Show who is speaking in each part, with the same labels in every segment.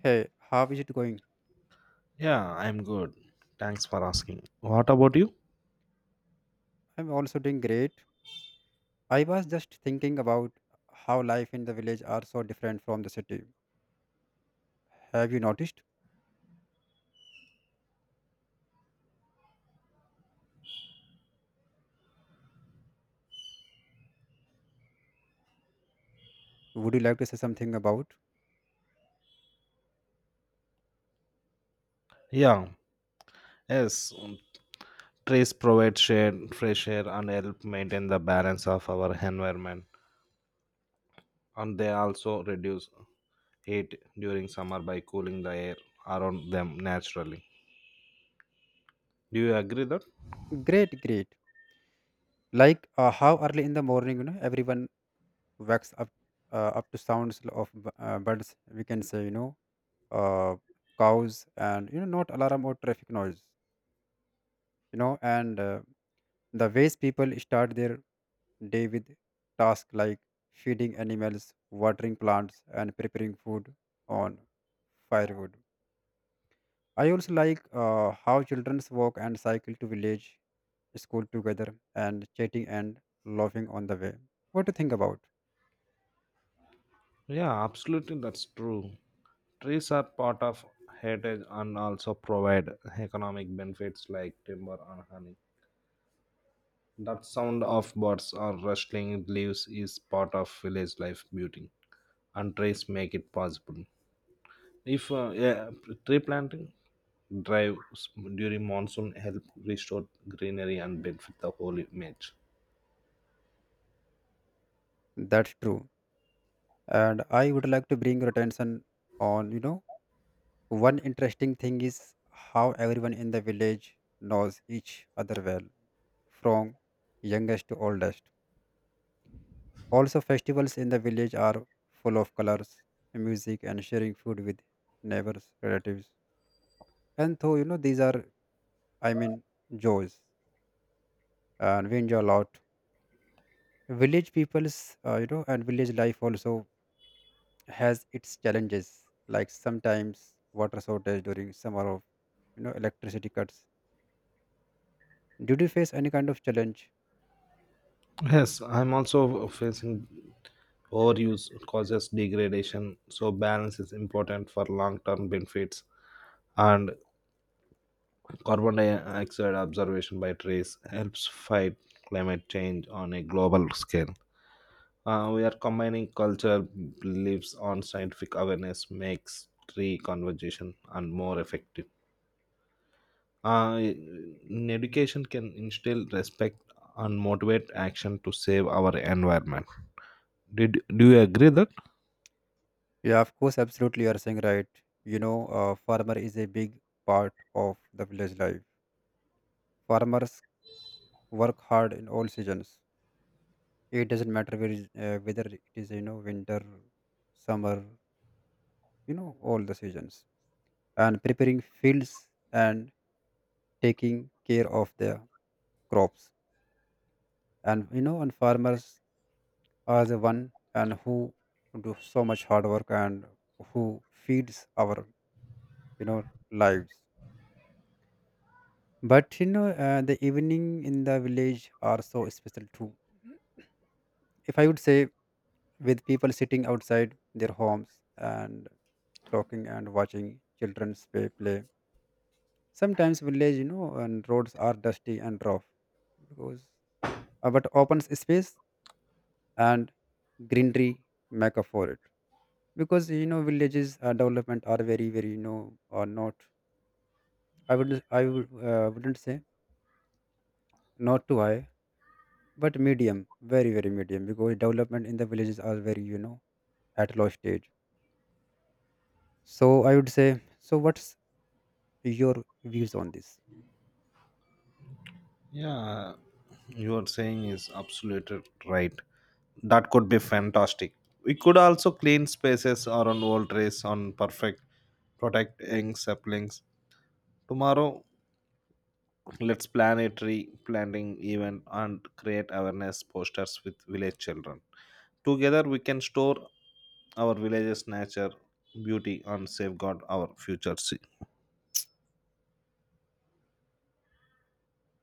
Speaker 1: Hey, how is it going?
Speaker 2: Yeah, I'm good. Thanks for asking. What about you?
Speaker 1: I'm also doing great. I was just thinking about how life in the village are so different from the city. Have you noticed? Would you like to say something about?
Speaker 2: Yeah, Yes. Trees provide shade, fresh air, and help maintain the balance of our environment. And they also reduce heat during summer by cooling the air around them naturally. Do you agree that?
Speaker 1: Great, great. Like how early in the morning, everyone wakes up up to sounds of birds. We can say, uh, cows and not alarm or traffic noise. You know, and The ways people start their day with tasks like feeding animals, watering plants, and preparing food on firewood. I also like how children walk and cycle to village school together and chatting and laughing on the way. What do you think about?
Speaker 2: Yeah, absolutely, that's true. Trees are part of heritage and also provide economic benefits like timber and honey. That sound of birds or rustling leaves is part of village life beauty, and trees make it possible. If yeah, Tree planting drives during monsoon help restore greenery and benefit the whole image.
Speaker 1: That's true. And I would like to bring your attention on, one interesting thing is how everyone in the village knows each other well, from youngest to oldest. Also, festivals in the village are full of colors, music, and sharing food with neighbors, relatives. And though, these are, I mean, joys, and we enjoy a lot. Village people's, you know, and Village life also has its challenges, like sometimes water shortage during summer of, electricity cuts. Did you face any kind of challenge?
Speaker 2: Yes, I'm also facing overuse causes degradation, so balance is important for long-term benefits. And carbon dioxide observation by trees helps fight climate change on a global scale. We are combining cultural beliefs on scientific awareness makes tree conversation and more effective. Uh, in education can instill respect and motivate action to save our environment. Did do you agree that?
Speaker 1: Yeah, of course, absolutely, you are saying right. Farmer is a big part of the village life. Farmers work hard in all seasons. It doesn't matter where is, whether it is winter, summer, all the seasons. And preparing fields and taking care of the crops. And and farmers are the one and who do so much hard work and who feeds our you know lives. But the evening in the village are so special too. If I would say, with people sitting outside their homes and talking and watching children play. Sometimes village, and roads are dusty and rough because but open space and greenery make up for it. Because villages development are very, very are not. I wouldn't say not too high, but medium, very, very medium. Because development in the villages are very, at low stage. So I would say. So what's your views on this?
Speaker 2: Yeah, you are saying is absolutely right. That could be fantastic. We could also clean spaces around old trees on perfect protect young saplings. Tomorrow, let's plan a tree planting event and create awareness posters with village children. Together, we can store our village's nature, beauty, and safeguard our future. Se-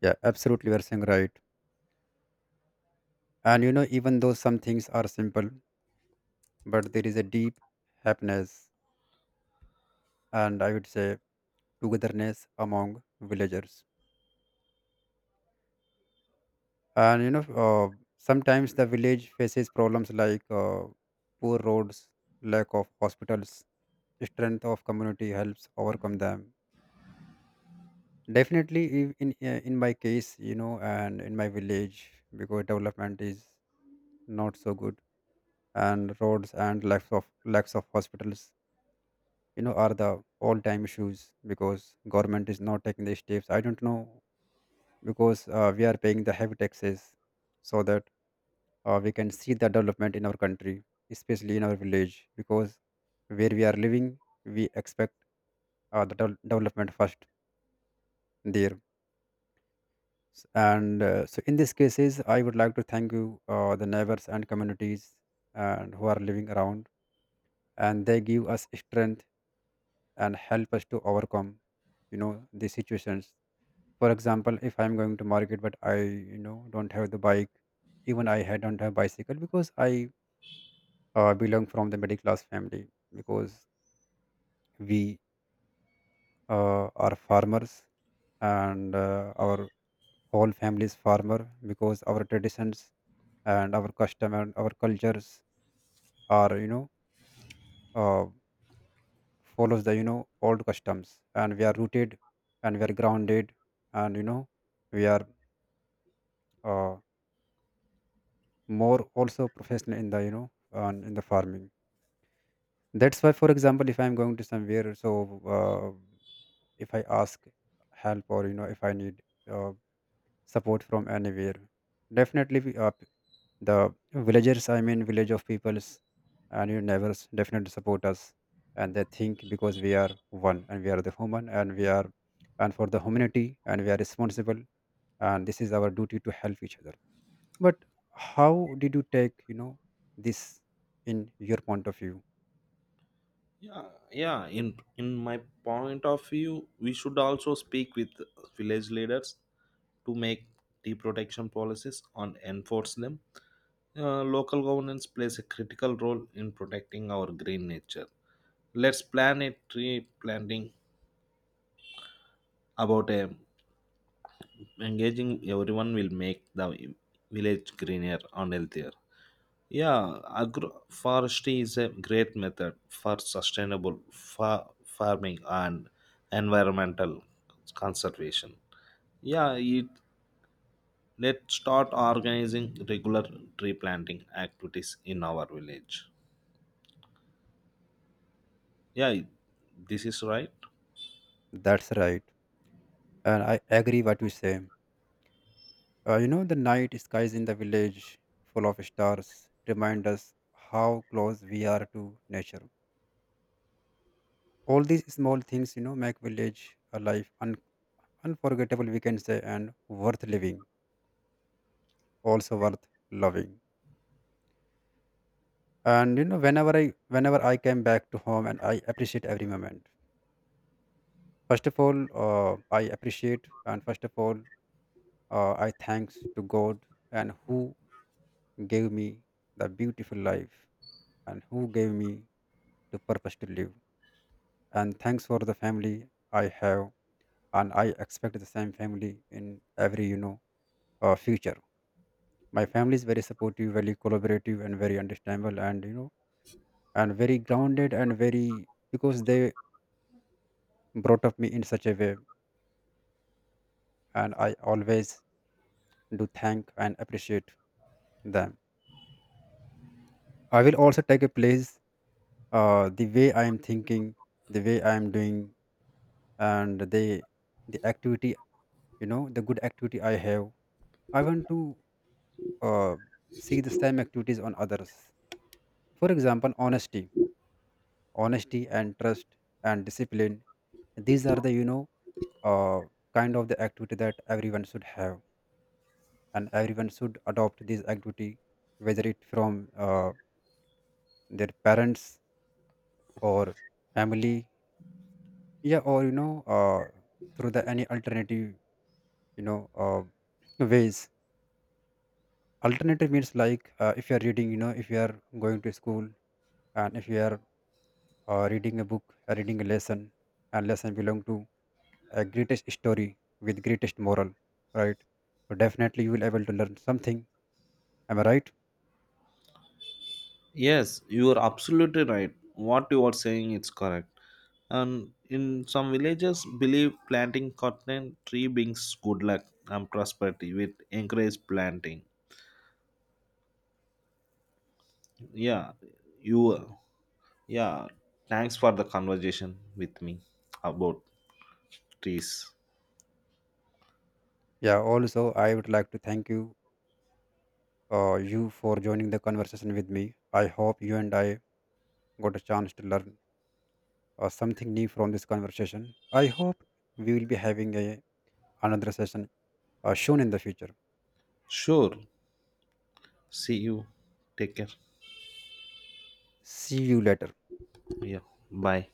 Speaker 1: Yeah, absolutely. You're saying right. And even though some things are simple, but there is a deep happiness and I would say togetherness among villagers. And sometimes the village faces problems like poor roads, lack of hospitals, strength of community helps overcome them. Definitely, in my case, and in my village, because development is not so good, and roads and lacks of hospitals are the all time issues because government is not taking the steps. I don't know because we are paying the heavy taxes so that we can see the development in our country, especially in our village, because where we are living we expect the development first there. S- and So in these cases I would like to thank you, the neighbors and communities and who are living around, and they give us strength and help us to overcome you know the situations. For example, if I'm going to market but I don't have the bike, even I had don't have bicycle because I belong from the middle class family, because we are farmers and our whole family is farmer, because our traditions and our custom and our cultures are uh, follows the old customs, and we are rooted and we are grounded and we are uh, more also professional in the on in the farming. That's why, for example, if I'm going to somewhere, so if I ask help or if I need uh, support from anywhere, definitely the villagers, I mean village of peoples and your neighbors definitely support us, and they think because we are one and we are the human and we are and for the humanity and we are responsible, and this is our duty to help each other. But how did you take, this in your point of view?
Speaker 2: Yeah, yeah. In in my point of view, we should also speak with village leaders to make tea protection policies and enforce them. Local governance plays a critical role in protecting our green nature. Let's plan a tree planting about a engaging everyone will make the village greener and healthier. Yeah, agroforestry is a great method for sustainable farming and environmental conservation. Yeah, it, let's start organizing regular tree planting activities in our village. Yeah, this is right.
Speaker 1: That's right. And I agree what you say. The night skies in the village full of stars remind us how close we are to nature. All these small things, make village a life unforgettable, we can say, and worth living, also worth loving. And whenever I came back to home, and I appreciate every moment. First of all, I appreciate, and first of all, I thanks to God and who gave me the beautiful life and who gave me the purpose to live. And thanks for the family I have, and I expect the same family in every future. My family is very supportive, very collaborative, and very understandable, and and very grounded and very because they brought up me in such a way, and I always do thank and appreciate them. I will also take a place, the way I am thinking, the way I am doing, and the activity, the good activity I have. I want to uh, see the same activities on others. For example, honesty, honesty and trust and discipline. These are the uh, kind of the activity that everyone should have, and everyone should adopt this activity, whether it from their parents or family, yeah, or through the any alternative you know uh, ways. Alternative means like if you are reading, if you are going to school, and if you are reading a book, reading a lesson, and lesson belong to a greatest story with greatest moral, right? So definitely you will able to learn something. Am I right?
Speaker 2: Yes, you are absolutely right. What you are saying is correct. And in some villages, believe planting cotton tree brings good luck and prosperity. With encourage planting. Yeah, you. Yeah, thanks for the conversation with me about trees.
Speaker 1: Yeah, also I would like to thank you, you for joining the conversation with me. I hope you and I got a chance to learn something new from this conversation. I hope we will be having a another session soon in the future.
Speaker 2: Sure. See you. Take care.
Speaker 1: See you later.
Speaker 2: Yeah. Bye.